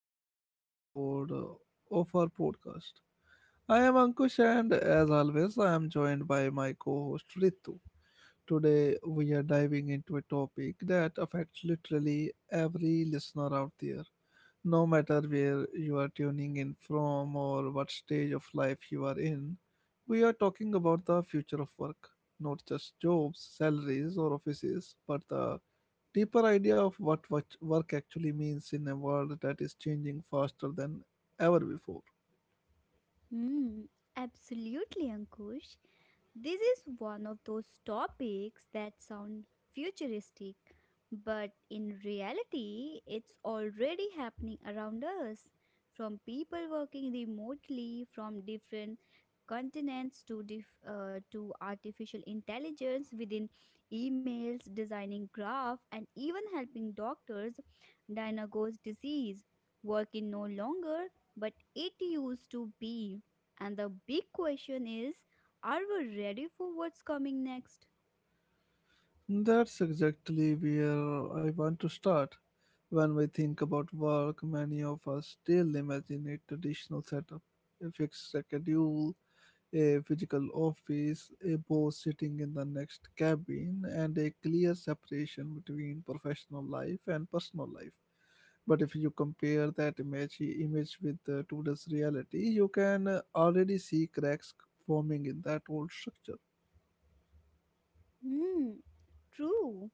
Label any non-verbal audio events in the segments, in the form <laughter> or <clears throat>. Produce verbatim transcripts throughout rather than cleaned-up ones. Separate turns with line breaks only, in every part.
another episode uh, of our podcast. I am Ankush, and as always, I am joined by my co host Ritu. Today, we are diving into a topic that affects literally every listener out there, no matter where you are tuning in from or what stage of life you are in. We are talking about the future of work, not just jobs, salaries, or offices, but the deeper idea of what work work actually means in a world that is changing faster than ever before.
Hmm, absolutely, Ankush. This is one of those topics that sound futuristic, but in reality, it's already happening around us. From people working remotely from different continents to dif- uh, to artificial intelligence within emails, designing graph, and even helping doctors diagnose disease. Work is no longer, but it used to be. And the big question is, are we ready for what's coming next?
That's exactly where I want to start. When we think about work, many of us still imagine a traditional setup, a fixed schedule, a physical office, a boss sitting in the next cabin, and a clear separation between professional life and personal life. But if you compare that image, image with uh, today's reality, you can uh, already see cracks forming in that old structure.
Hmm, true.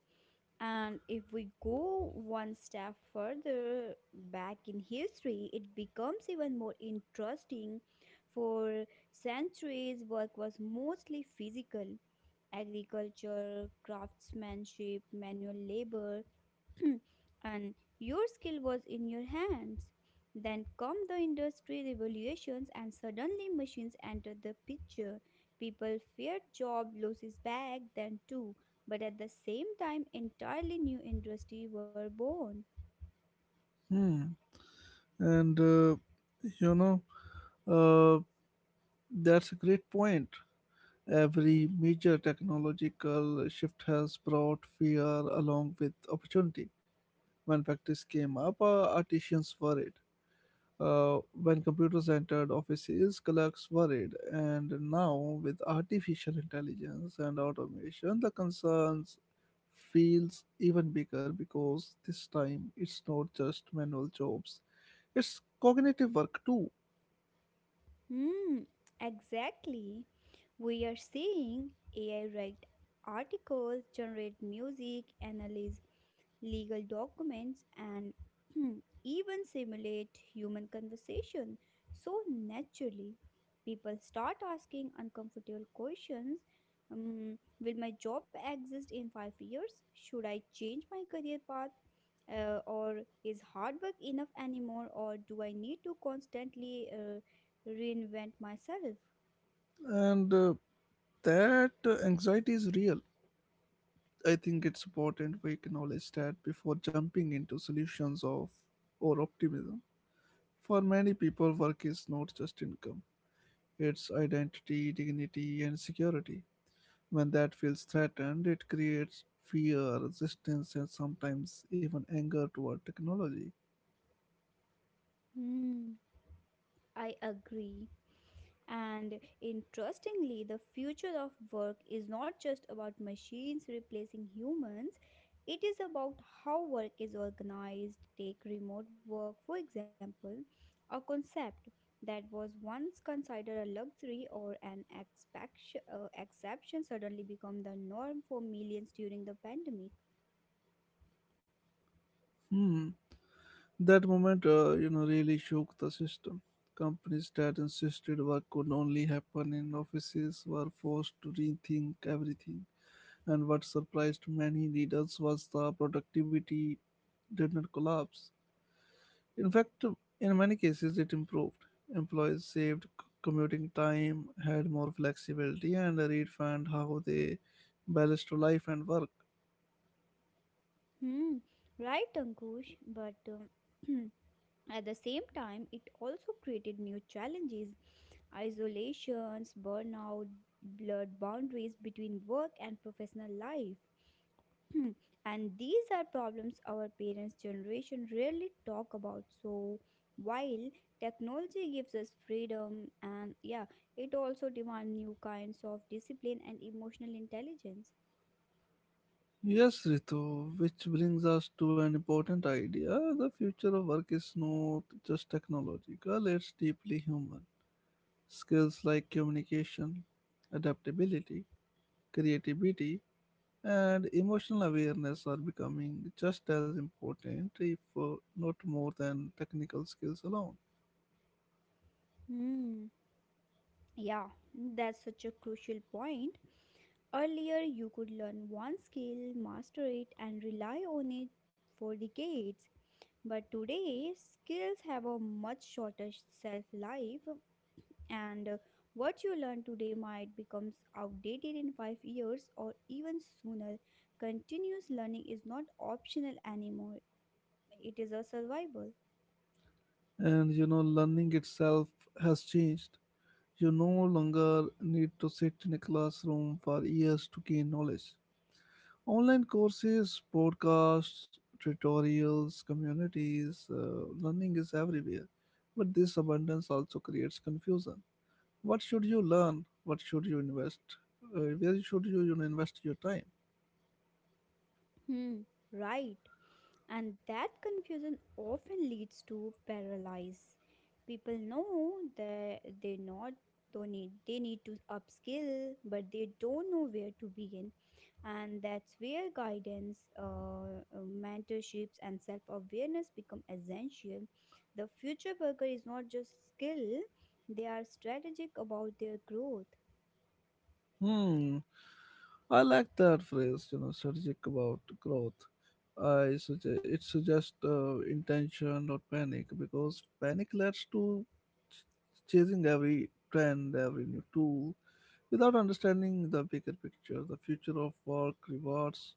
And if we go one step further back in history, it becomes even more interesting. For centuries, work was mostly physical agriculture, craftsmanship, manual labor. <clears throat> And your skill was in your hands. Then come the industry revolutions, and suddenly machines entered the picture. People feared job losses back then too, but at the same time, entirely new industries were born.
Hmm. And uh, you know, uh, that's a great point. Every major technological shift has brought fear along with opportunity. When factories came up, uh, artisans worried. Uh, when computers entered offices, clerks worried. And now, with artificial intelligence and automation, the concerns feels even bigger because this time it's not just manual jobs, it's cognitive work too.
Hmm, exactly. We are seeing A I write articles, generate music, analyze legal documents, and <clears throat> even simulate human conversation so naturally. People start asking uncomfortable questions. Um, will my job exist in five years? Should I change my career path? Uh, or is hard work enough anymore? Or do I need to constantly uh, reinvent myself.
And uh, that uh, anxiety is real. I think it's important we acknowledge that before jumping into solutions of or optimism. For many people, work is not just income, it's identity, dignity, and security. When that feels threatened, it creates fear, resistance, and sometimes even anger toward technology.
Hmm, I agree. And interestingly, the future of work is not just about machines replacing humans, it is about how work is organized. Take remote work, for example, a concept that was once considered a luxury or an expection- uh, exception suddenly become the norm for millions during the pandemic.
Hmm. That moment, uh, you know, really shook the system. Companies that insisted work could only happen in offices were forced to rethink everything. And what surprised many leaders was the productivity did not collapse. In fact, in many cases, it improved. Employees saved c- commuting time, had more flexibility, and redefined how they balanced life and work.
Hmm, right, Ankush. But um, <clears throat> at the same time, it also created new challenges isolations, burnout, blurred boundaries between work and professional life. <clears throat> Hmm, and these are problems our parents' generation rarely talk about. So, while technology gives us freedom, and yeah, it also demands new kinds of discipline and emotional intelligence.
Yes, Ritu, which brings us to an important idea. The future of work is not just technological, it's deeply human. Skills like communication, adaptability, creativity, and emotional awareness are becoming just as important, if uh, not more, than technical skills alone.
Hmm. Yeah, that's such a crucial point. Earlier, you could learn one skill, master it, and rely on it for decades. But today, skills have a much shorter shelf life, and uh, what you learn today might become outdated in five years or even sooner. Continuous learning is not optional anymore, it is a survival.
And you know, learning itself has changed. You no longer need to sit in a classroom for years to gain knowledge. Online courses, podcasts, tutorials, communities, uh, learning is everywhere, but this abundance also creates confusion. What should you learn? What should you invest? Uh, where should you, you know, invest your time?
Hmm, right. And that confusion often leads to paralysis. People know that they not don't need they need to upskill, but they don't know where to begin. And that's where guidance, uh, uh, mentorships, and self-awareness become essential. The future worker is not just skill; they are strategic about their growth.
Hmm. I like that phrase, you know, strategic about growth. I suggest it suggests uh, intention, not panic, because panic leads to ch- chasing every trend, every new tool, without understanding the bigger picture. The future of work rewards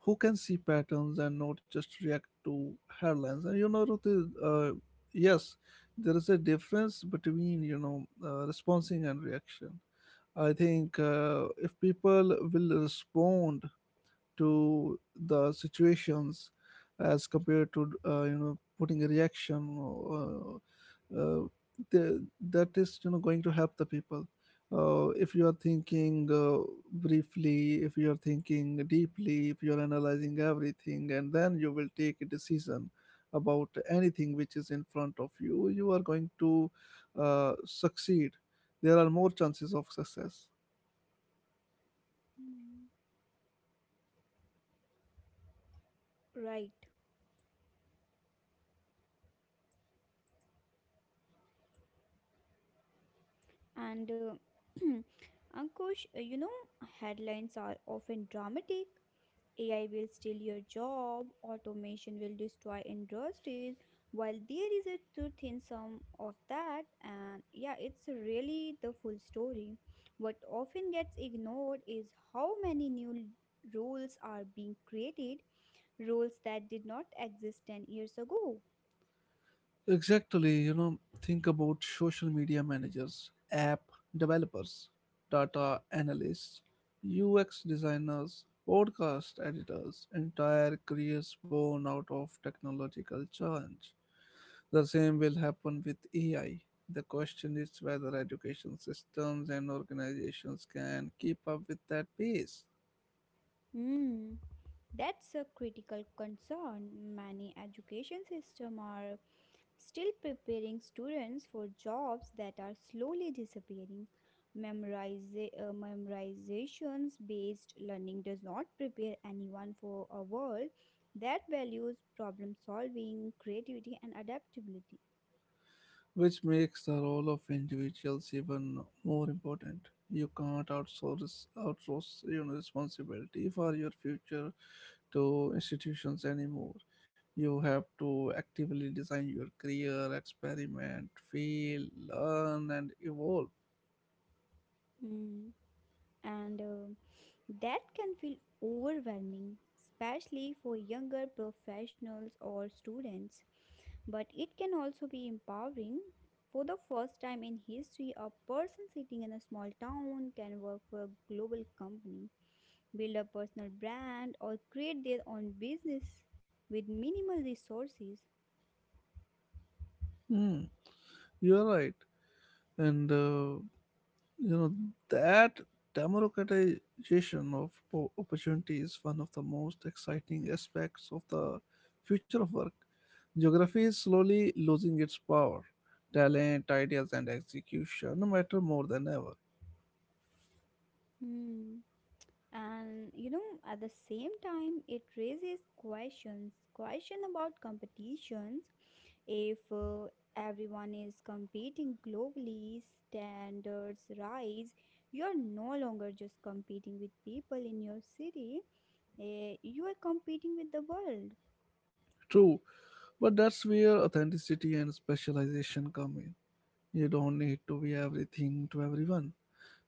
who can see patterns and not just react to headlines. And you know, Ruti, uh, yes, there is a difference between you know uh, responding and reaction. I think uh, if people will respond to the situations as compared to uh, you know putting a reaction, uh, uh, the, that is you know going to help the people. Uh, if you are thinking uh, briefly, if you are thinking deeply, if you are analyzing everything and then you will take a decision about anything which is in front of you, you are going to uh, succeed. There are more chances of success.
Mm. Right. And uh, <clears throat> Ankush, uh, you know, headlines are often dramatic: A I will steal your job, automation will destroy industries. While there is a truth in some of that, and yeah, it's really the full story. What often gets ignored is how many new l- roles are being created, roles that did not exist ten years ago.
Exactly, you know, think about social media managers, app developers, data analysts, U X designers, podcast editors, entire careers born out of technological challenge. The same will happen with A I. The question is whether education systems and organizations can keep up with that pace.
Hmm, that's a critical concern. Many education systems are still preparing students for jobs that are slowly disappearing. Memoriza- uh, memorizations based learning does not prepare anyone for a world that values problem solving, creativity, and adaptability.
Which makes the role of individuals even more important. You can't outsource outsource your responsibility for your future to institutions anymore. You have to actively design your career, experiment, fail, learn, and evolve.
Mm. And uh, that can feel overwhelming, especially for younger professionals or students. But it can also be empowering. For the first time in history, a person sitting in a small town can work for a global company, build a personal brand, or create their own business with minimal resources.
Hmm, you are right, and uh, you know, that democratization of po- opportunity is one of the most exciting aspects of the future of work. Geography is slowly losing its power. Talent, ideas, and execution matter more than ever.
Hmm. And you know, at the same time, it raises questions question about competitions. If uh, everyone is competing globally, standards rise. You are no longer just competing with people in your city, eh, you are competing with the world.
True, but that's where authenticity and specialization come in. You don't need to be everything to everyone.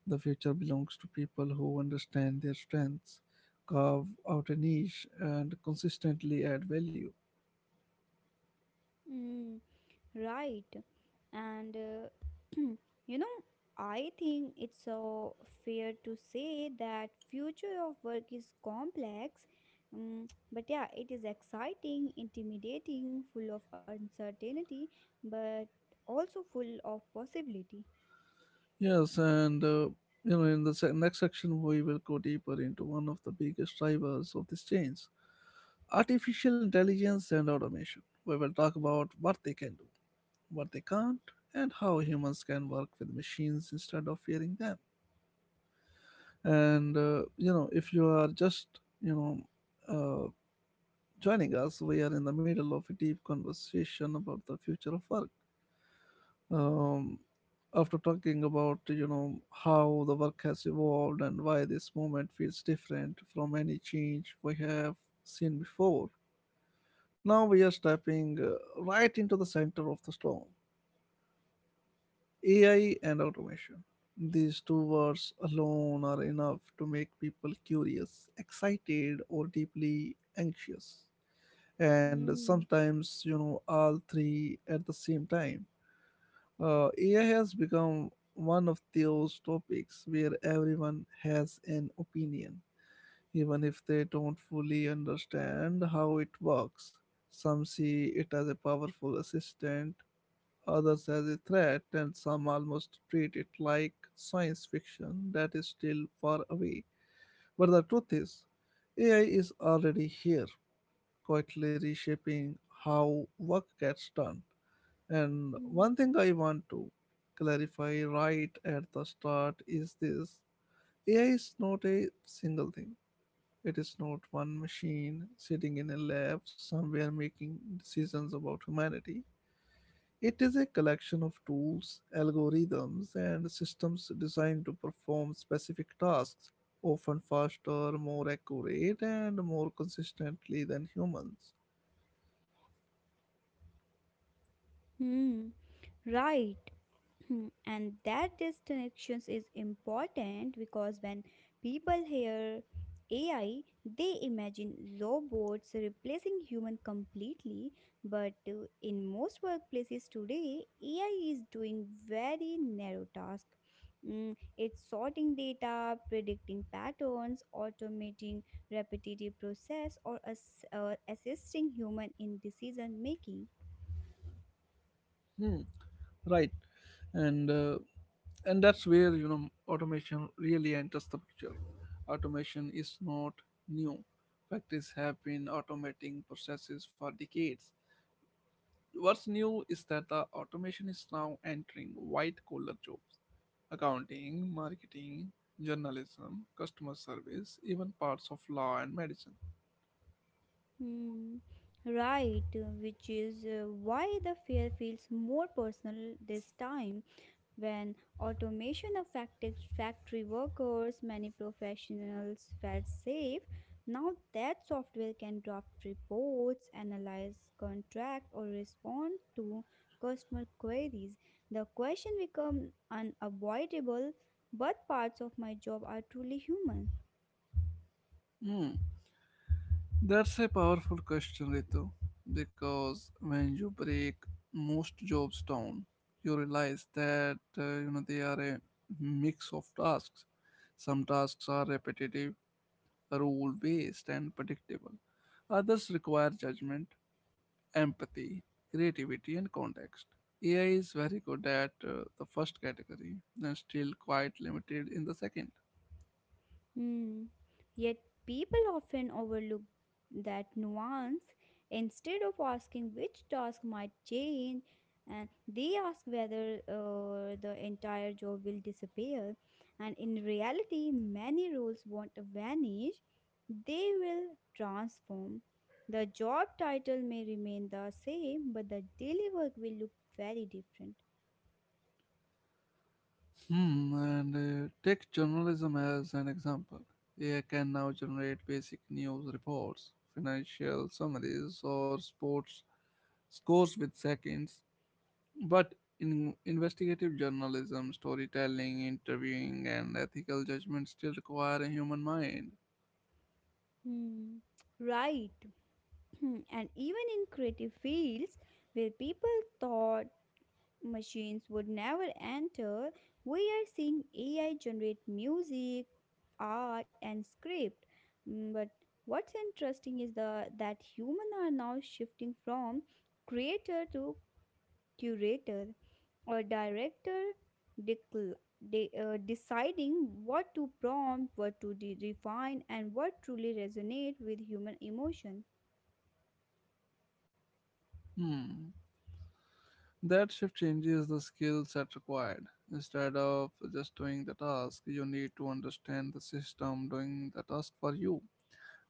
The future belongs to people who understand their strengths, carve out a niche, and consistently add value.
Mm. Right. And uh, <clears throat> you know, I think it's so fair to say that future of work is complex. Um, but yeah, it is exciting, intimidating, full of uncertainty, but also full of possibility.
Yes, and uh, you know, in the se- next section, we will go deeper into one of the biggest drivers of this change, artificial intelligence and automation. We will talk about what they can do, what they can't, and how humans can work with machines instead of fearing them. And uh, you know, if you are just you know uh, joining us, we are in the middle of a deep conversation about the future of work. um, after talking about you know how the work has evolved and why this movement feels different from any change we have seen before, now we are stepping uh, right into the center of the storm, ai and automation. These two words alone are enough to make people curious, excited, or deeply anxious, and
Mm,
sometimes you know all three at the same time. Uh, A I has become one of those topics where everyone has an opinion, even if they don't fully understand how it works. Some see it as a powerful assistant, others as a threat, and some almost treat it like science fiction that is still far away. But the truth is, A I is already here, quietly reshaping how work gets done. And one
mm.
thing I want to clarify right at the start is this. A I is not a single thing. It is not one machine sitting in a lab somewhere making decisions about humanity. It is a collection of tools, algorithms, and systems designed to perform specific tasks, often faster, more accurate, and more consistently than humans.
Hmm, right. <clears throat> Hmm, and that disconnections is important because when people hear A I, they imagine robots replacing human completely. But uh, in most workplaces today, A I is doing very narrow tasks. It's sorting data, predicting patterns, automating repetitive process, or ass- uh, assisting human in decision making.
Right, and uh, and that's where you know automation really enters the picture. Automation is not new. Factories have been automating processes for decades. What's new is that the automation is now entering white collar jobs, accounting, marketing, journalism, customer service, even parts of law and medicine.
Hmm, right, which is uh, why the fear feels more personal this time. When automation affected factory workers, many professionals felt safe. Now that software can draft reports, analyze contract, or respond to customer queries. The question become unavoidable, but parts of my job are truly human.
Hmm. That's a powerful question, Ritu, because when you break most jobs down, you realize that uh, you know they are a mix of tasks. Some tasks are repetitive, rule-based, and predictable. Others require judgment, empathy, creativity, and context. A I is very good at uh, the first category and still quite limited in the second.
Hmm. Yet people often overlook that nuance. Instead of asking which task might change, and they ask whether uh, the entire job will disappear. And in reality, many roles won't vanish, they will transform. The job title may remain the same, but the daily work will look very different.
Hmm, and uh, take journalism as an example. A I can now generate basic news reports, financial summaries, or sports scores with seconds. But in investigative journalism, storytelling, interviewing, and ethical judgment still require a human mind.
Hmm. Right. Hmm, and even in creative fields where people thought machines would never enter, we are seeing A I generate music, art, and script. Mm. But what's interesting is the that humans are now shifting from creator to curator or director, decl- de- uh, deciding what to prompt, what to de- refine, and what truly resonate with human emotion.
Hmm. That shift changes the skills that required. Instead of just doing the task, you need to understand the system doing the task for you.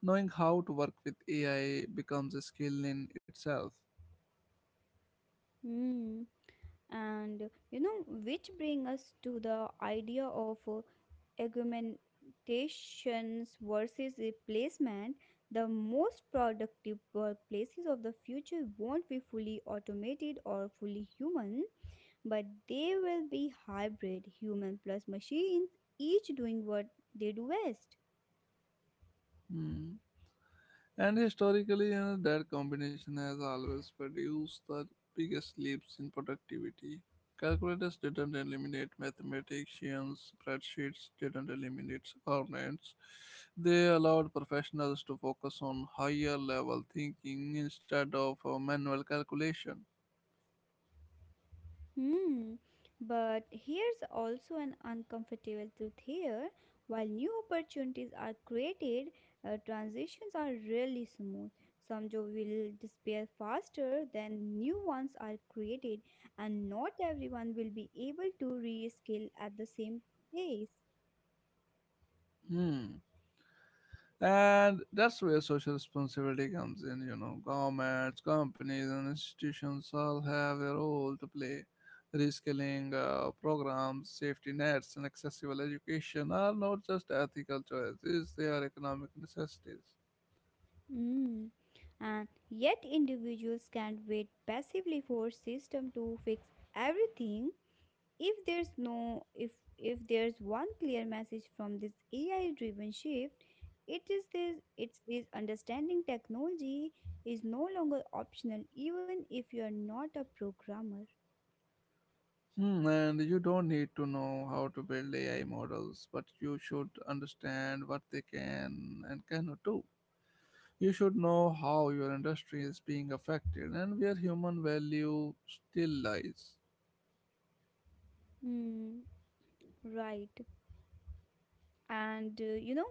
Knowing how to work with A I becomes a skill in itself.
Hmm. And you know, which bring us to the idea of uh, augmentations versus replacement. The most productive workplaces of the future won't be fully automated or fully human, but they will be hybrid human plus machines, each doing what they do best.
Hmm. And historically, you know, that combination has always produced the biggest leaps in productivity. Calculators didn't eliminate mathematicians, spreadsheets didn't eliminate accountants. They allowed professionals to focus on higher level thinking instead of uh, manual calculation.
Hmm. But here's also an uncomfortable truth here. While new opportunities are created, uh, transitions are really smooth. Some jobs will disappear faster than new ones are created, and not everyone will be able to reskill at the same pace.
Hmm. And that's where social responsibility comes in, you know. Governments, companies, and institutions all have a role to play. Reskilling uh, programs, safety nets, and accessible education are not just ethical choices, they are economic necessities.
Mm. And yet, individuals can't wait passively for system to fix everything. if there's no if if there's one clear message from this AI driven shift, it is this: it's this understanding technology is no longer optional, even if you are not a programmer.
Hmm, and you don't need to know how to build A I models, but you should understand what they can and cannot do. You should know how your industry is being affected and where human value still lies.
Hmm, right. and uh, you know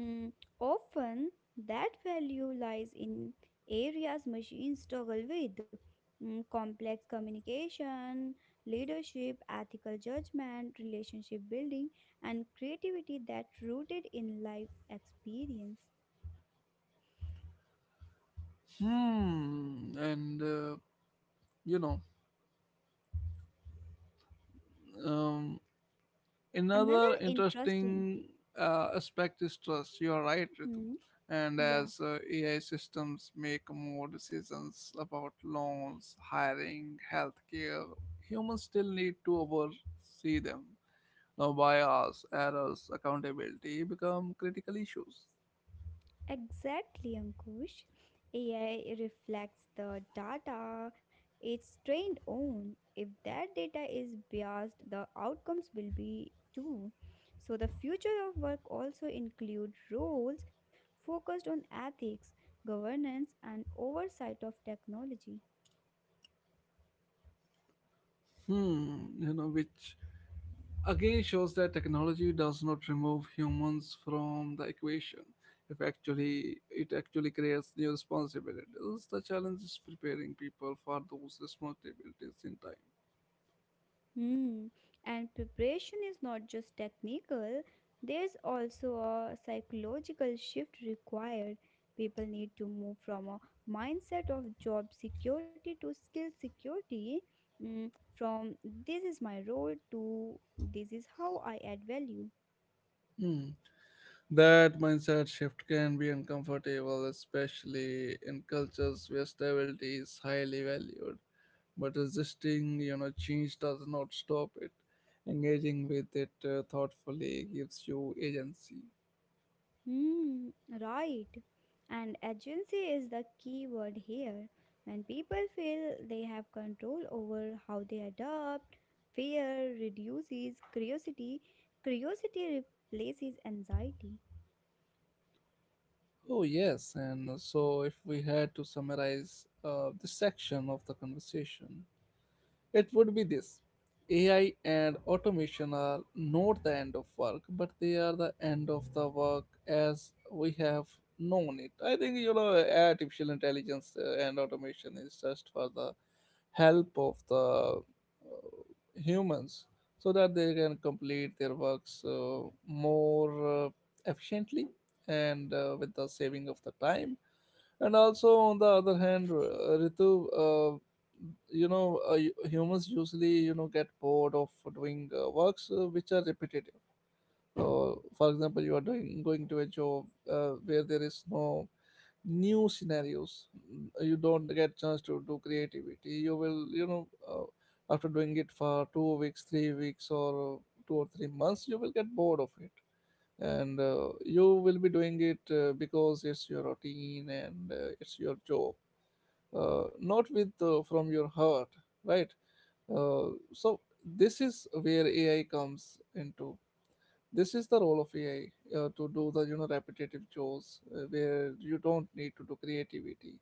Mm, Often, that value lies in areas machines struggle with, Mm, complex communication, leadership, ethical judgment, relationship building, and creativity that rooted in life experience.
Hmm. And uh, you know, um,
Another
another
interesting.
interesting uh, aspect is trust. You are right, Ritu.
Hmm,
And
yeah.
as uh, A I systems make more decisions about loans, hiring, healthcare, humans still need to oversee them. Now, bias, errors, accountability become critical issues.
Exactly, Ankush. A I reflects the data it's trained on. If that data is biased, the outcomes will be too. So, the future of work also include roles focused on ethics, governance, and oversight of technology.
Hmm, you know, which again shows that technology does not remove humans from the equation. If actually it actually creates new responsibilities. The challenge is preparing people for those responsibilities in time.
Hmm. And preparation is not just technical, there's also a psychological shift required. People need to move from a mindset of job security to skill security, mm, from this is my role to this is how I add value.
Hmm. That mindset shift can be uncomfortable, especially in cultures where stability is highly valued. But resisting, you know, change does not stop it. Engaging with it uh, thoughtfully gives you agency.
Mm, right. And agency is the key word here. When people feel they have control over how they adopt, fear reduces curiosity. Curiosity replaces anxiety.
Oh, yes. And so, if we had to summarize uh, this section of the conversation, it would be this. A I and automation are not the end of work, but they are the end of the work as we have known it. I think, you know, artificial intelligence uh, and automation is just for the help of the uh, humans so that they can complete their works uh, more uh, efficiently and uh, with the saving of the time. And also, on the other hand, uh, Ritu, uh, you know uh, hu- humans usually, you know get bored of doing uh, works uh, which are repetitive. So for example, you are doing going to a job uh, where there is no new scenarios, uh, you don't get chance to do creativity. You will, you know uh, after doing it for two weeks, three weeks, or uh, two or three months, you will get bored of it. And uh, you will be doing it uh, because it's your routine and uh, it's your job, uh, not with uh, from your heart, right? Uh, so this is where AI comes into. This is the role of AI, uh, to do the, you know, repetitive chores uh, where you don't need to do creativity.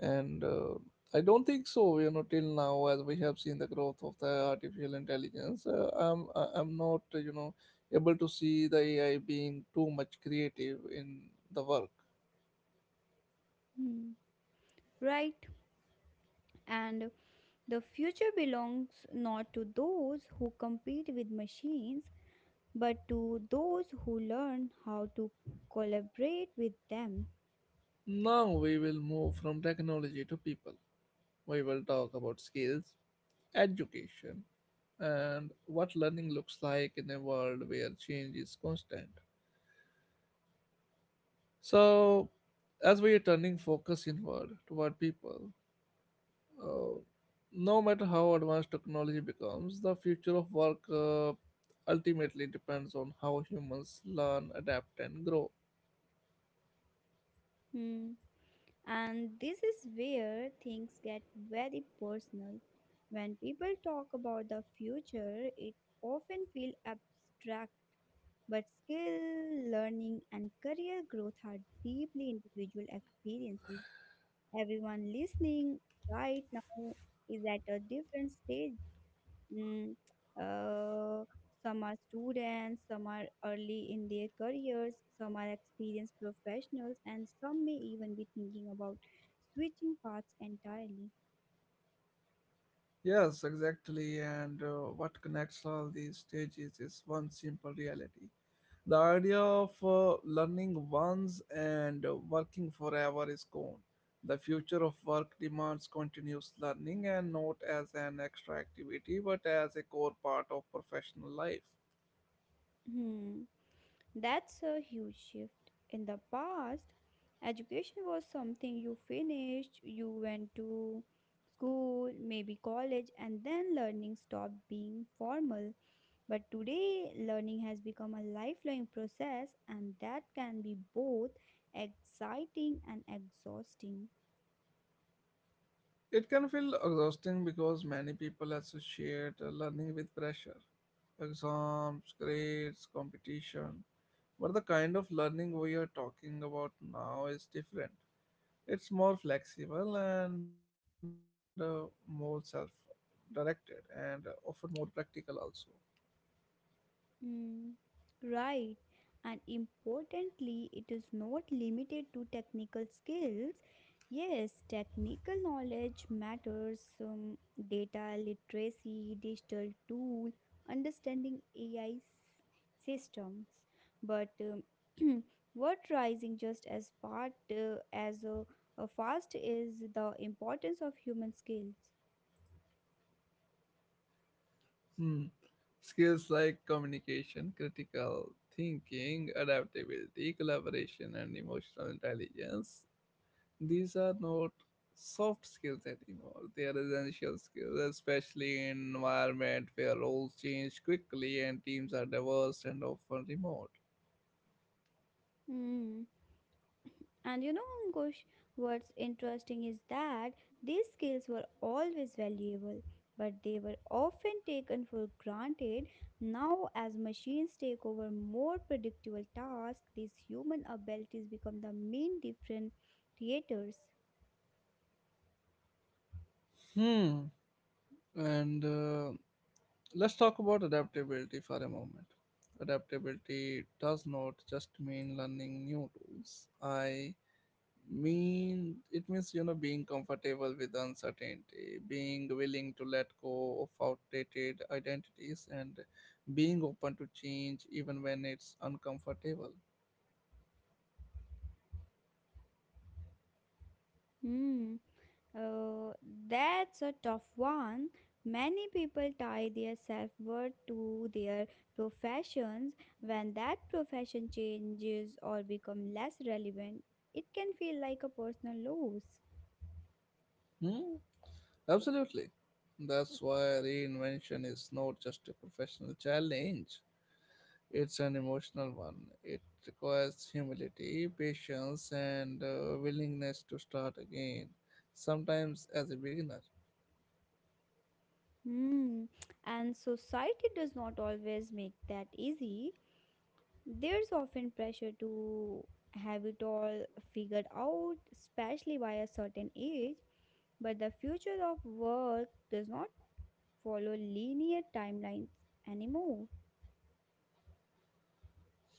And uh, I don't think so, you know, till now, as we have seen the growth of the artificial intelligence, uh, i'm I- I'm not, uh, you know able to see the AI being too much creative in the work.
Hmm. Right. And the future belongs not to those who compete with machines, but to those who learn how to collaborate with them.
Now we will move from technology to people. We will talk about skills, education, and what learning looks like in a world where change is constant. So, as we are turning focus inward toward people, Uh, no matter how advanced technology becomes, the future of work uh, ultimately depends on how humans learn, adapt, and grow.
Hmm. And this is where things get very personal. When people talk about the future, it often feels abstract, but skill, learning, and career growth are deeply individual experiences. Everyone listening right now is at a different stage. Mm, uh, some are students, some are early in their careers, some are experienced professionals, and some may even be thinking about switching paths entirely.
Yes, exactly. And uh, what connects all these stages is one simple reality. The idea of uh, learning once and uh, working forever is gone. The future of work demands continuous learning, and not as an extra activity but as a core part of professional life.
Hmm, that's a huge shift. In the past, education was something you finished, you went to school, maybe college, and then learning stopped being formal. But today, learning has become a lifelong process, and that can be both exciting and exhausting.
It can feel exhausting because many people associate uh, learning with pressure, exams, grades, competition. But the kind of learning we are talking about now is different. It's more flexible and uh, more self directed and often more practical also.
Mm, right. And importantly, it is not limited to technical skills. Yes, technical knowledge matters, um, data literacy, digital tool, understanding A I systems. But um, <clears throat> what rising just as part uh, as a, a fast is the importance of human skills.
Hmm. Skills like communication, critical thinking, adaptability, collaboration, and emotional intelligence, these are not soft skills anymore. They are essential skills, especially in environment where roles change quickly and teams are diverse and often remote.
Mm. And you know, Ankush, what's interesting is that these skills were always valuable, but they were often taken for granted. Now, as machines take over more predictable tasks, these human abilities become the main differentiators.
Hmm. And uh, let's talk about adaptability for a moment. Adaptability does not just mean learning new tools. I mean it means, you know, being comfortable with uncertainty, being willing to let go of outdated identities, and being open to change even when it's uncomfortable.
Hmm. Uh, that's a tough one. Many people tie their self worth to their professions. When that profession changes or becomes less relevant, it can feel like a personal loss.
Hmm? Absolutely. That's why reinvention is not just a professional challenge, it's an emotional one. It requires humility, patience, and uh, willingness to start again, sometimes as a beginner.
Hmm. And society does not always make that easy. There's often pressure to have it all figured out, especially by a certain age. But the future of work does not follow linear timelines anymore.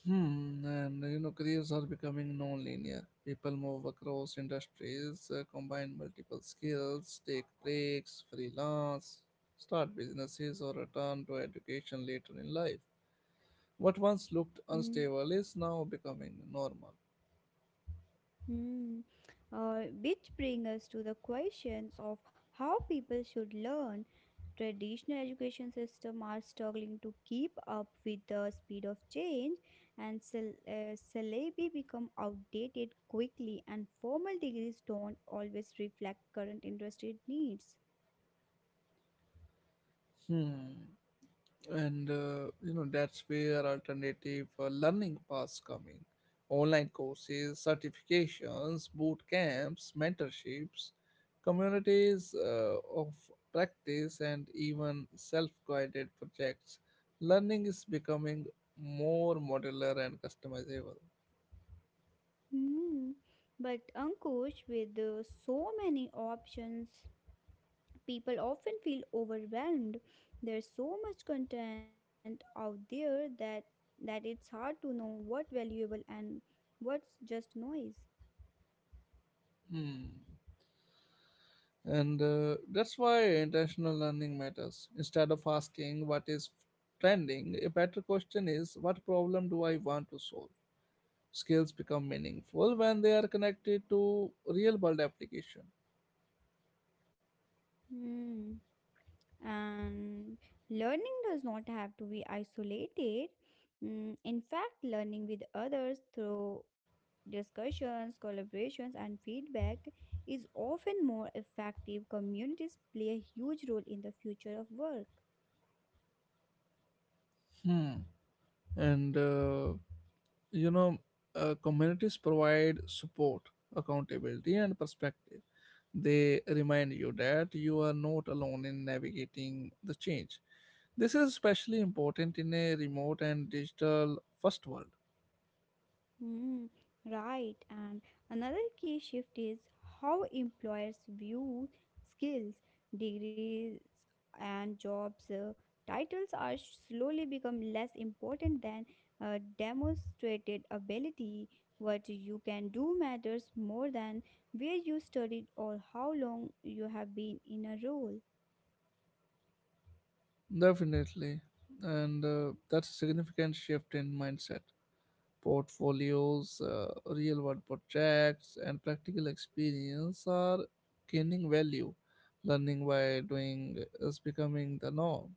Hmm, and you know, careers are becoming non-linear. People move across industries, uh, combine multiple skills, take breaks, freelance, start businesses, or return to education later in life. What once looked unstable is now becoming normal.
Mhm. Uh, which brings us to the questions of how people should learn. Traditional education system are struggling to keep up with the speed of change, and syl- uh, syllabi become outdated quickly, and formal degrees don't always reflect current industry needs.
Hmm. And uh, you know that's where alternative uh, learning paths come in. Online courses, certifications, boot camps, mentorships, communities uh, of practice, and even self-guided projects. Learning is becoming more modular and customizable.
Hmm. But Ankush, with uh, so many options, people often feel overwhelmed. There's so much content out there that that it's hard to know what valuable and what's just noise.
Hmm. And uh, that's why intentional learning matters. Instead of asking what is trending, a better question is, what problem do I want to solve? Skills become meaningful when they are connected to real world application.
Hmm. And learning does not have to be isolated. Mm, in fact, learning with others through discussions, collaborations, and feedback is often more effective. Communities play a huge role in the future of work.
Hmm. and uh, you know uh, Communities provide support, accountability, and perspective. They remind you that you are not alone in navigating the change. This is especially important in a remote and digital first world.
Mm, right. And another key shift is how employers view skills, degrees, and jobs. Uh, titles are slowly become less important than uh, demonstrated ability. What you can do matters more than where you studied or how long you have been in a role.
Definitely. And uh, that's a significant shift in mindset. Portfolios, uh, real world projects, and practical experience are gaining value. Learning by doing is becoming the norm.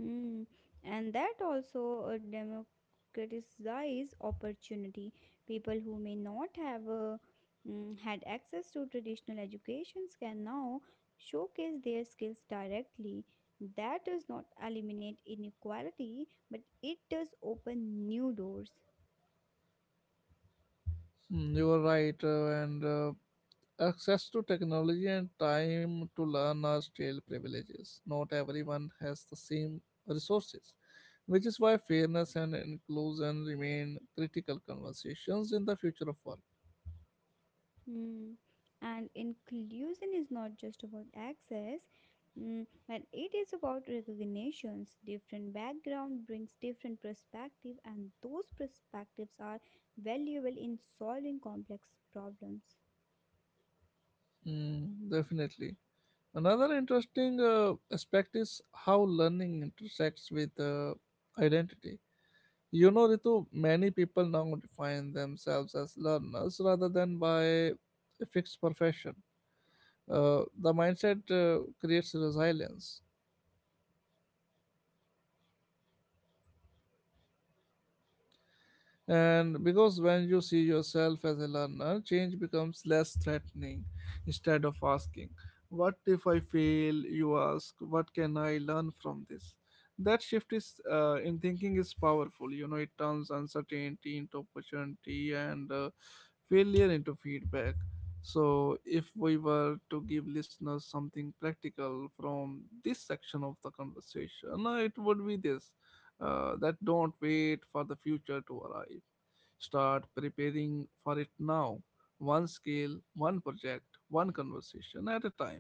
Mm. And that also uh, democratizes opportunity. People who may not have uh, mm, had access to traditional educations can now showcase their skills directly. That does not eliminate inequality, but it does open new doors.
Mm, you are right, uh, and uh, access to technology and time to learn are still privileges. Not everyone has the same resources, which is why fairness and inclusion remain critical conversations in the future of work.
Mm. And inclusion is not just about access, mm, but it is about recognitions. Different background brings different perspective, and those perspectives are valuable in solving complex problems.
Mm, definitely. Another interesting uh, aspect is how learning intersects with uh, identity. You know, Ritu, many people now define themselves as learners rather than by a fixed profession. Uh, the mindset uh, creates resilience. And because when you see yourself as a learner, change becomes less threatening. Instead of asking, "What if I fail?" you ask, "What can I learn from this?" That shift is uh, in thinking is powerful. You know, it turns uncertainty into opportunity and uh, failure into feedback. So, if we were to give listeners something practical from this section of the conversation, uh, it would be this: uh, that don't wait for the future to arrive. Start preparing for it now, one scale, one project, one conversation at a time.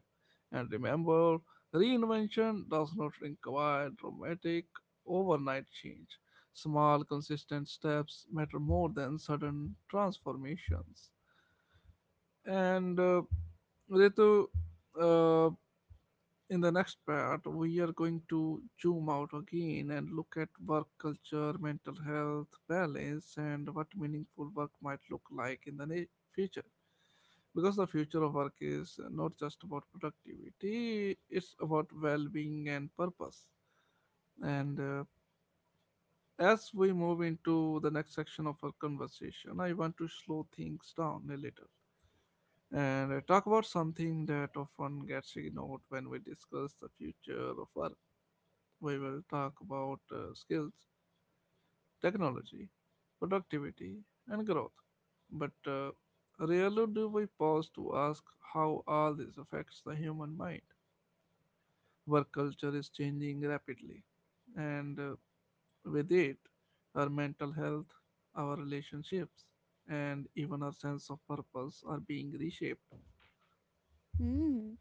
And remember, reinvention does not require dramatic overnight change. Small, consistent steps matter more than sudden transformations. And uh, Ritu, uh, in the next part, we are going to zoom out again and look at work culture, mental health, balance, and what meaningful work might look like in the na- future. Because the future of work is not just about productivity, it's about well being and purpose. And uh, as we move into the next section of our conversation, I want to slow things down a little and uh, talk about something that often gets ignored when we discuss the future of work. We will talk about uh, skills, technology, productivity, and growth. But uh, rarely do we pause to ask how all this affects the human mind. Work culture is changing rapidly, and uh, with it, our mental health, our relationships, and even our sense of purpose are being reshaped.
Hmm,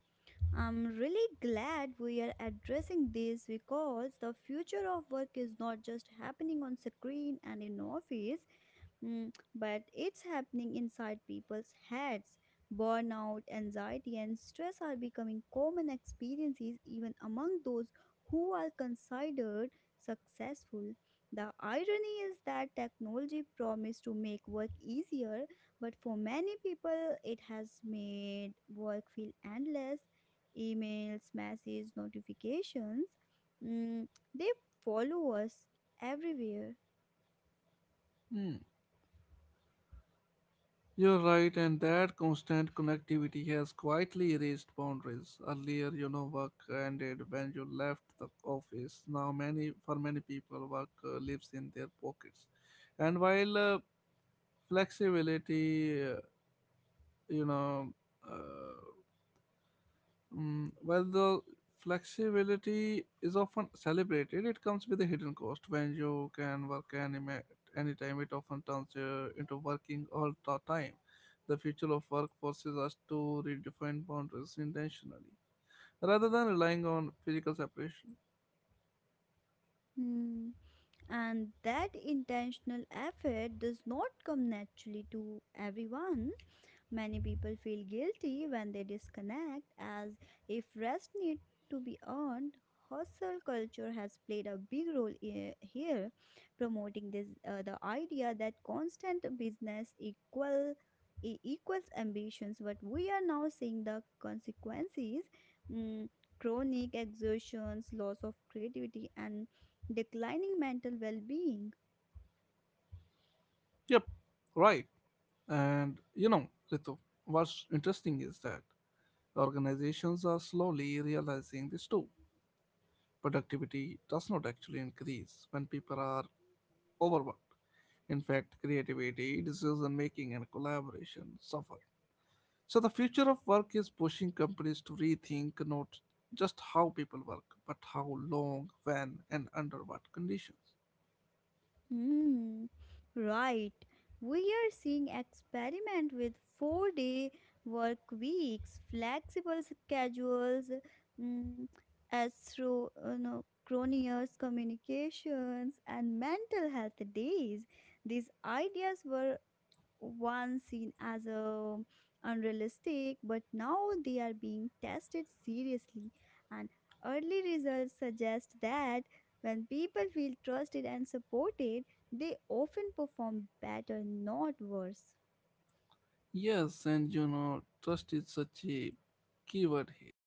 I'm really glad we are addressing this because the future of work is not just happening on screen and in office. Mm, but it's happening inside people's heads. Burnout, anxiety, and stress are becoming common experiences even among those who are considered successful. The irony is that technology promised to make work easier, but for many people, it has made work feel endless. Emails, messages, notifications, mm, they follow us everywhere.
Hmm. You're right, and that constant connectivity has quietly erased boundaries. Earlier, you know, work ended when you left the office. Now, many for many people, work uh, lives in their pockets. And while uh, flexibility, uh, you know, uh, Mm, while the flexibility is often celebrated, it comes with a hidden cost. When you can work any ma- anytime, it often turns uh, into working all the time. The future of work forces us to redefine boundaries intentionally rather than relying on physical separation.
Hmm. And that intentional effort does not come naturally to everyone. Many people feel guilty when they disconnect, as if rest need to be earned. Hustle culture has played a big role i- here, promoting this uh, the idea that constant business equal e- equals ambitions. But we are now seeing the consequences: mm, chronic exhaustions, loss of creativity, and declining mental well-being.
Yep, right. And you know, Ritu, what's interesting is that organizations are slowly realizing this too. Productivity does not actually increase when people are overworked. In fact, creativity, decision making, and collaboration suffer. So, the future of work is pushing companies to rethink not just how people work, but how long, when, and under what conditions.
Hmm, right. We are seeing experiment with four-day work weeks, flexible schedules, mm, astro, uh, no, cronier's communications, and mental health days. These ideas were once seen as a unrealistic, but now they are being tested seriously, and early results suggest that when people feel trusted and supported, they often perform better, not worse.
Yes, and you know, trust is such a keyword here.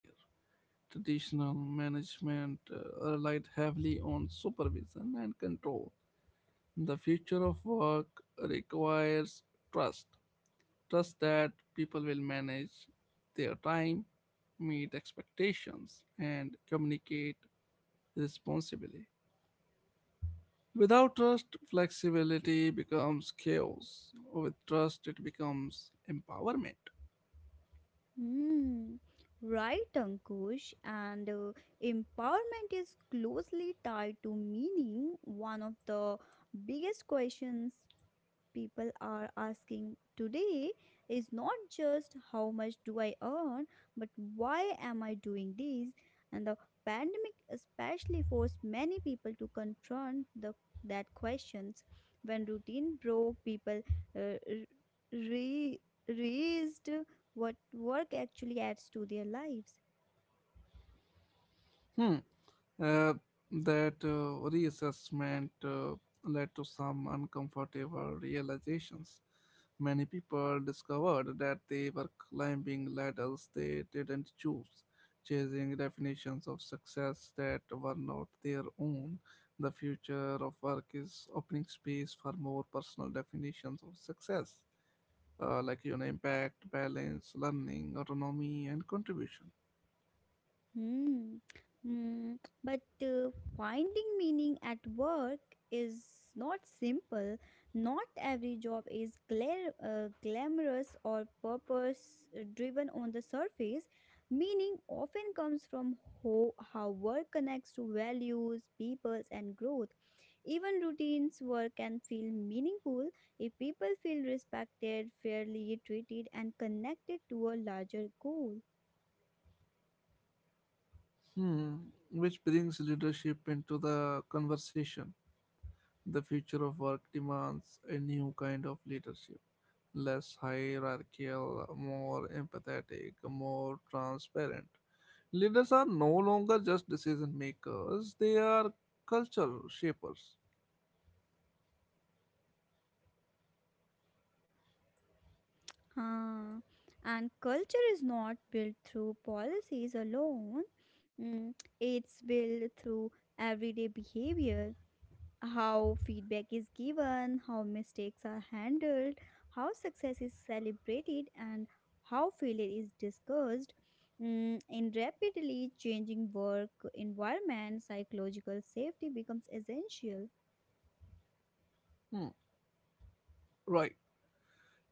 Traditional management uh, relied heavily on supervision and control. The future of work requires trust. Trust that people will manage their time, meet expectations, and communicate responsibly. Without trust, flexibility becomes chaos. With trust, it becomes empowerment.
Hmm, right, Ankush. And uh, Empowerment is closely tied to meaning. One of the biggest questions people are asking today is not just how much do I earn, but why am I doing this? And the pandemic especially forced many people to confront the that questions. When routine broke, people uh, re raised what work actually adds to their lives.
Hmm. Uh, that uh, reassessment uh, led to some uncomfortable realizations. Many people discovered that they were climbing ladders they didn't choose, chasing definitions of success that were not their own. The future of work is opening space for more personal definitions of success, uh, like, you know, impact, balance, learning, autonomy, and contribution.
Hmm. Hmm. But uh, finding meaning at work is not simple. Not every job is gla- uh, glamorous or purpose driven on the surface. Meaning often comes from ho- how work connects to values, peoples, and growth. Even routines work can feel meaningful if people feel respected, fairly treated, and connected to a larger goal.
Hmm. Which brings leadership into the conversation. The future of work demands a new kind of leadership, less hierarchical, more empathetic, more transparent. Leaders are no longer just decision makers, they are culture shapers.
Huh. And culture is not built through policies alone. Mm, it's built through everyday behavior: how feedback is given, how mistakes are handled, how success is celebrated, and how failure is discussed. Mm, in rapidly changing work environment, psychological safety becomes essential.
Hmm. Right.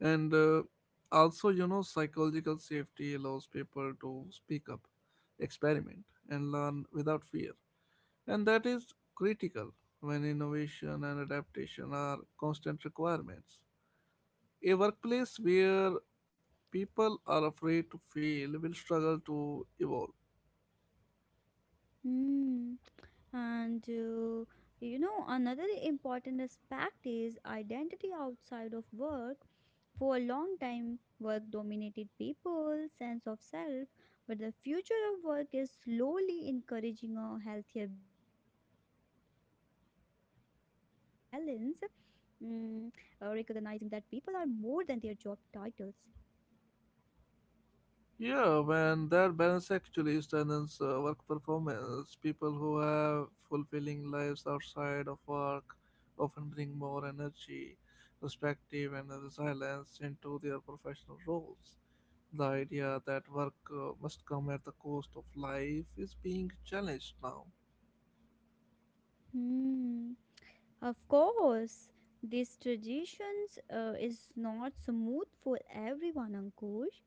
And uh, also, you know, psychological safety allows people to speak up, experiment, and learn without fear. And that is critical when innovation and adaptation are constant requirements. A workplace where people are afraid to fail will struggle to evolve.
Hmm. And uh, you know, another important aspect is identity outside of work. For a long time, work dominated people's sense of self, but the future of work is slowly encouraging a healthier balance, mm, uh, recognizing that people are more than their job titles.
Yeah, man, that balance actually strengthens uh, work performance. People who have fulfilling lives outside of work often bring more energy, perspective, and resilience into their professional roles. The idea that work uh, must come at the cost of life is being challenged now.
Hmm. Of course, these traditions uh, is not smooth for everyone, Ankush.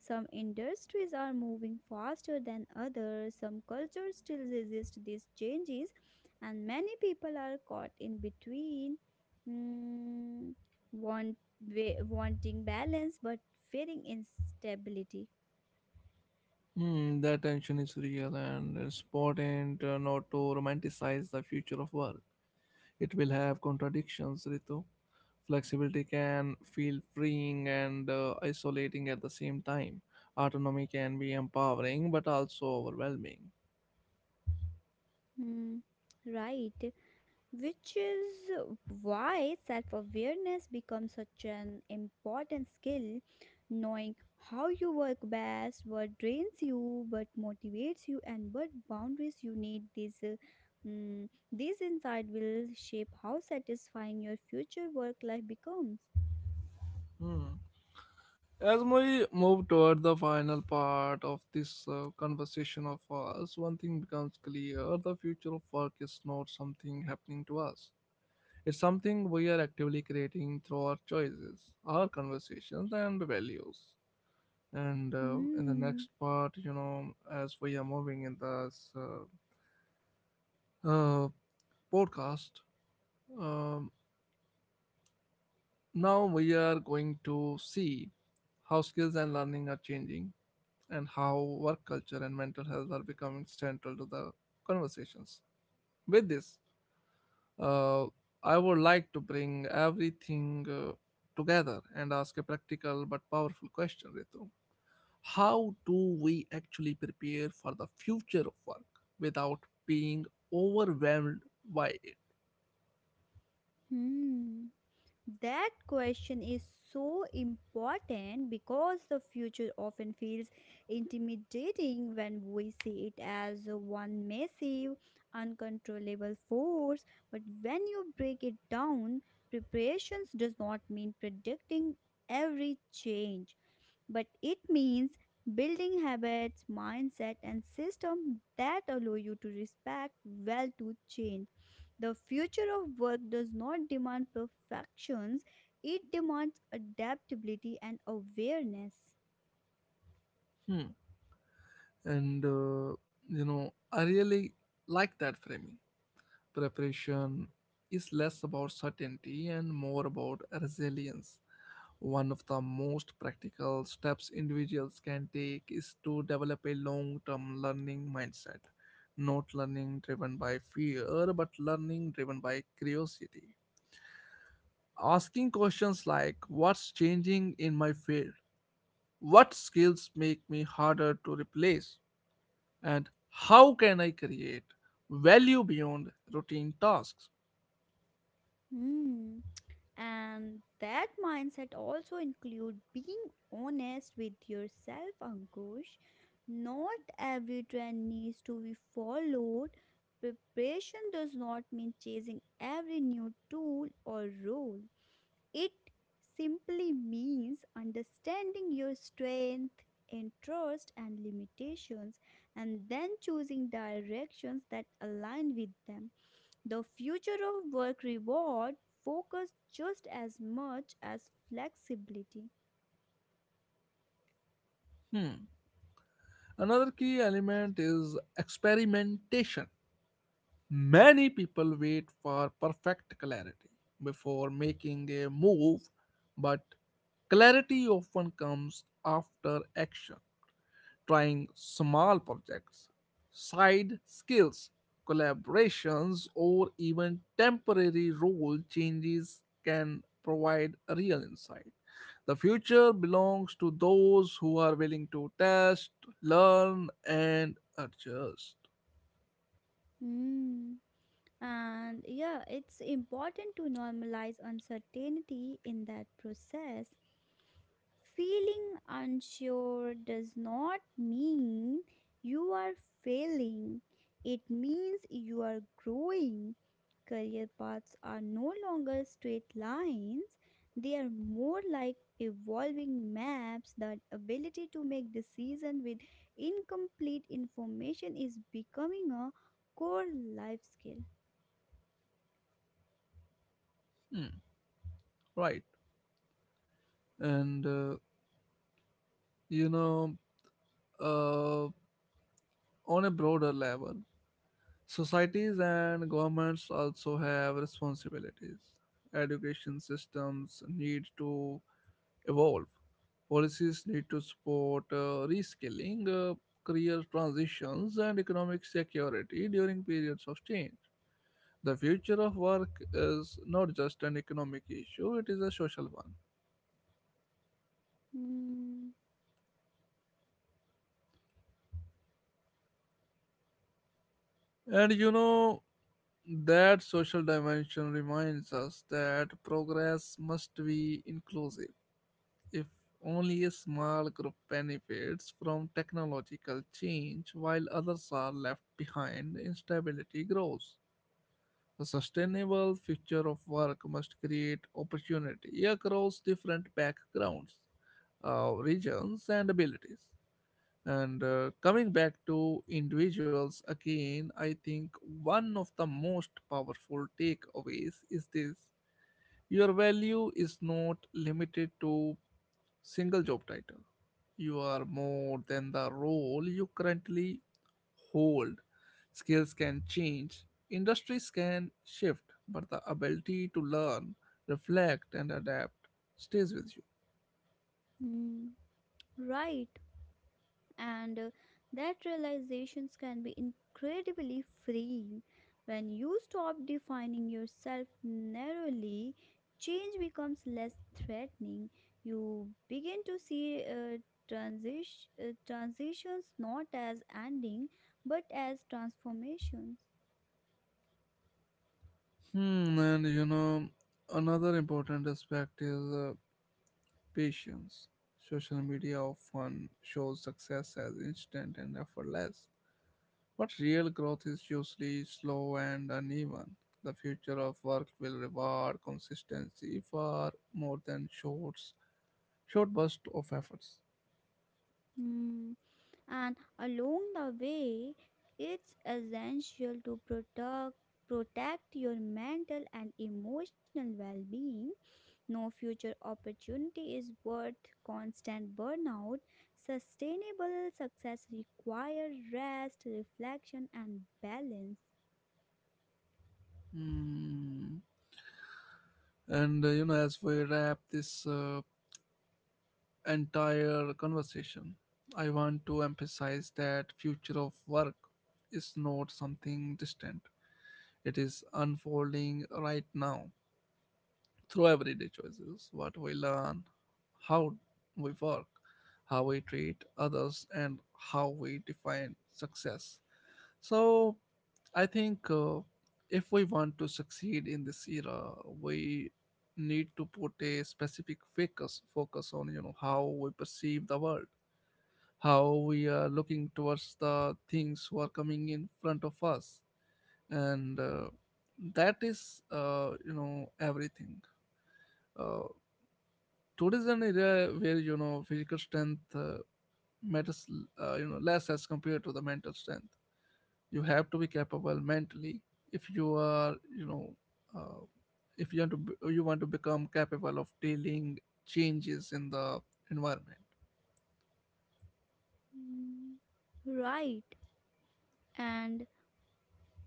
Some industries are moving faster than others. Some cultures still resist these changes, and many people are caught in between, mm, want wa- wanting balance but fearing instability.
Hmm, that tension is real, and it's important uh, not to romanticize the future of work. It will have contradictions, Ritu. Flexibility can feel freeing and uh, isolating at the same time. Autonomy can be empowering but also overwhelming.
Hmm, right. Which is why self awareness becomes such an important skill. Knowing how you work best, what drains you, what motivates you, and what boundaries you need. This, uh, mm, this insight will shape how satisfying your future work life becomes.
Hmm. As we move toward the final part of this uh, conversation of us, one thing becomes clear: the future of work is not something happening to us. It's something we are actively creating through our choices, our conversations, and values. And uh, in the
Hmm.
next part, you know, as we are moving in this uh, uh, podcast. Um, now we are going to see how skills and learning are changing and how work culture and mental health are becoming central to the conversations. With this, uh, I would like to bring everything uh, together and ask a practical but powerful question, Ritu. How do we actually prepare for the future of work without being overwhelmed by it?
Hmm. That question is so important because the future often feels intimidating when we see it as one massive, uncontrollable force. But when you break it down, preparations does not mean predicting every change, but it means building habits, mindset, and system that allow you to respect well to change. The future of work does not demand perfections; it demands adaptability and awareness.
Hmm. And uh, you know I really like that framing. Preparation is less about certainty and more about resilience. One of the most practical steps individuals can take is to develop a long-term learning mindset, not learning driven by fear but learning driven by curiosity, asking questions like, what's changing in my field, what skills make me harder to replace, and how can I create value beyond routine tasks?
Hmm. And that mindset also include being honest with yourself, Ankush. Not every trend needs to be followed. Preparation does not mean chasing every new tool or role. It simply means understanding your strength, interest and limitations, and then choosing directions that align with them. The future of work reward focus just as much as flexibility.
Hmm. Another key element is experimentation. Many people wait for perfect clarity before making a move, but clarity often comes after action. Trying small projects, side skills, collaborations, or even temporary role changes can provide a real insight. The future belongs to those who are willing to test, learn, and adjust.
Hmm. And yeah, it's important to normalize uncertainty in that process. Feeling unsure does not mean you are failing, it means you are growing. Career paths are no longer straight lines, they are more like evolving maps. That ability to make decisions with incomplete information is becoming a core life skill.
Hmm, right. And, uh, you know, uh, on a broader level, societies and governments also have responsibilities. Education systems need to evolve. Policies need to support uh, reskilling, uh, career transitions, and economic security during periods of change. The future of work is not just an economic issue, it is a social one.
Mm,
And you know, that social dimension reminds us that progress must be inclusive. If only a small group benefits from technological change while others are left behind, instability grows. A sustainable future of work must create opportunity across different backgrounds, uh, regions, and abilities. And uh, coming back to individuals again, I think one of the most powerful takeaways is this: your value is not limited to single job title. You are more than the role you currently hold. Skills can change, industries can shift, but the ability to learn, reflect, and adapt stays with you.
mm, right. And uh, that realizations can be incredibly freeing. When you stop defining yourself narrowly, change becomes less threatening. You begin to see uh, transition, uh, transitions not as ending but as transformations.
Hmm, and you know, another important aspect is uh, patience. Social media often shows success as instant and effortless, but real growth is usually slow and uneven. The future of work will reward consistency far more than shorts, short bursts of efforts.
Hmm. And along the way, it's essential to protect protect your mental and emotional well-being. No future opportunity is worth constant burnout. Sustainable success requires rest, reflection, and balance.
Hmm. And uh, you know, as we wrap this uh, entire conversation, I want to emphasize that future of work is not something distant. It is unfolding right now through everyday choices: what we learn, how we work, how we treat others, and how we define success. So, I think uh, if we want to succeed in this era, we need to put a specific focus focus on, you know, how we perceive the world, how we are looking towards the things who are coming in front of us. And uh, that is, uh, you know everything. Uh, Tourism an area where, you know, physical strength uh, matters, uh, you know less as compared to the mental strength. You have to be capable mentally if you are, you know uh, if you want to be- you want to become capable of dealing changes in the environment.
Mm, right. and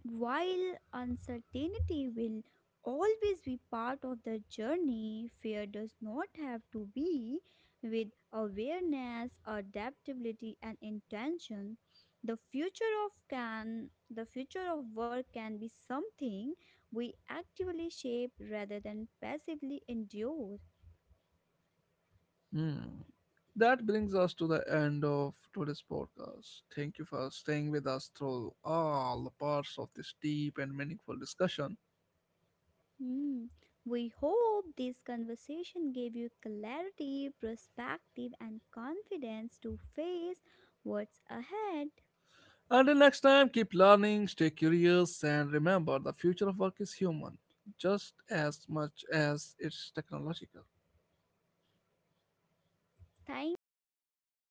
while uncertainty will always be part of the journey, fear does not have to be. With awareness, adaptability, and intention, the future of can the future of work can be something we actively shape rather than passively endure.
Hmm. That brings us to the end of today's podcast. Thank you for staying with us through all the parts of this deep and meaningful discussion.
Hmm. We hope this conversation gave you clarity, perspective, and confidence to face what's ahead.
Until next time, keep learning, stay curious, and remember the future of work is human just as much as it's technological.
Thank you. Bye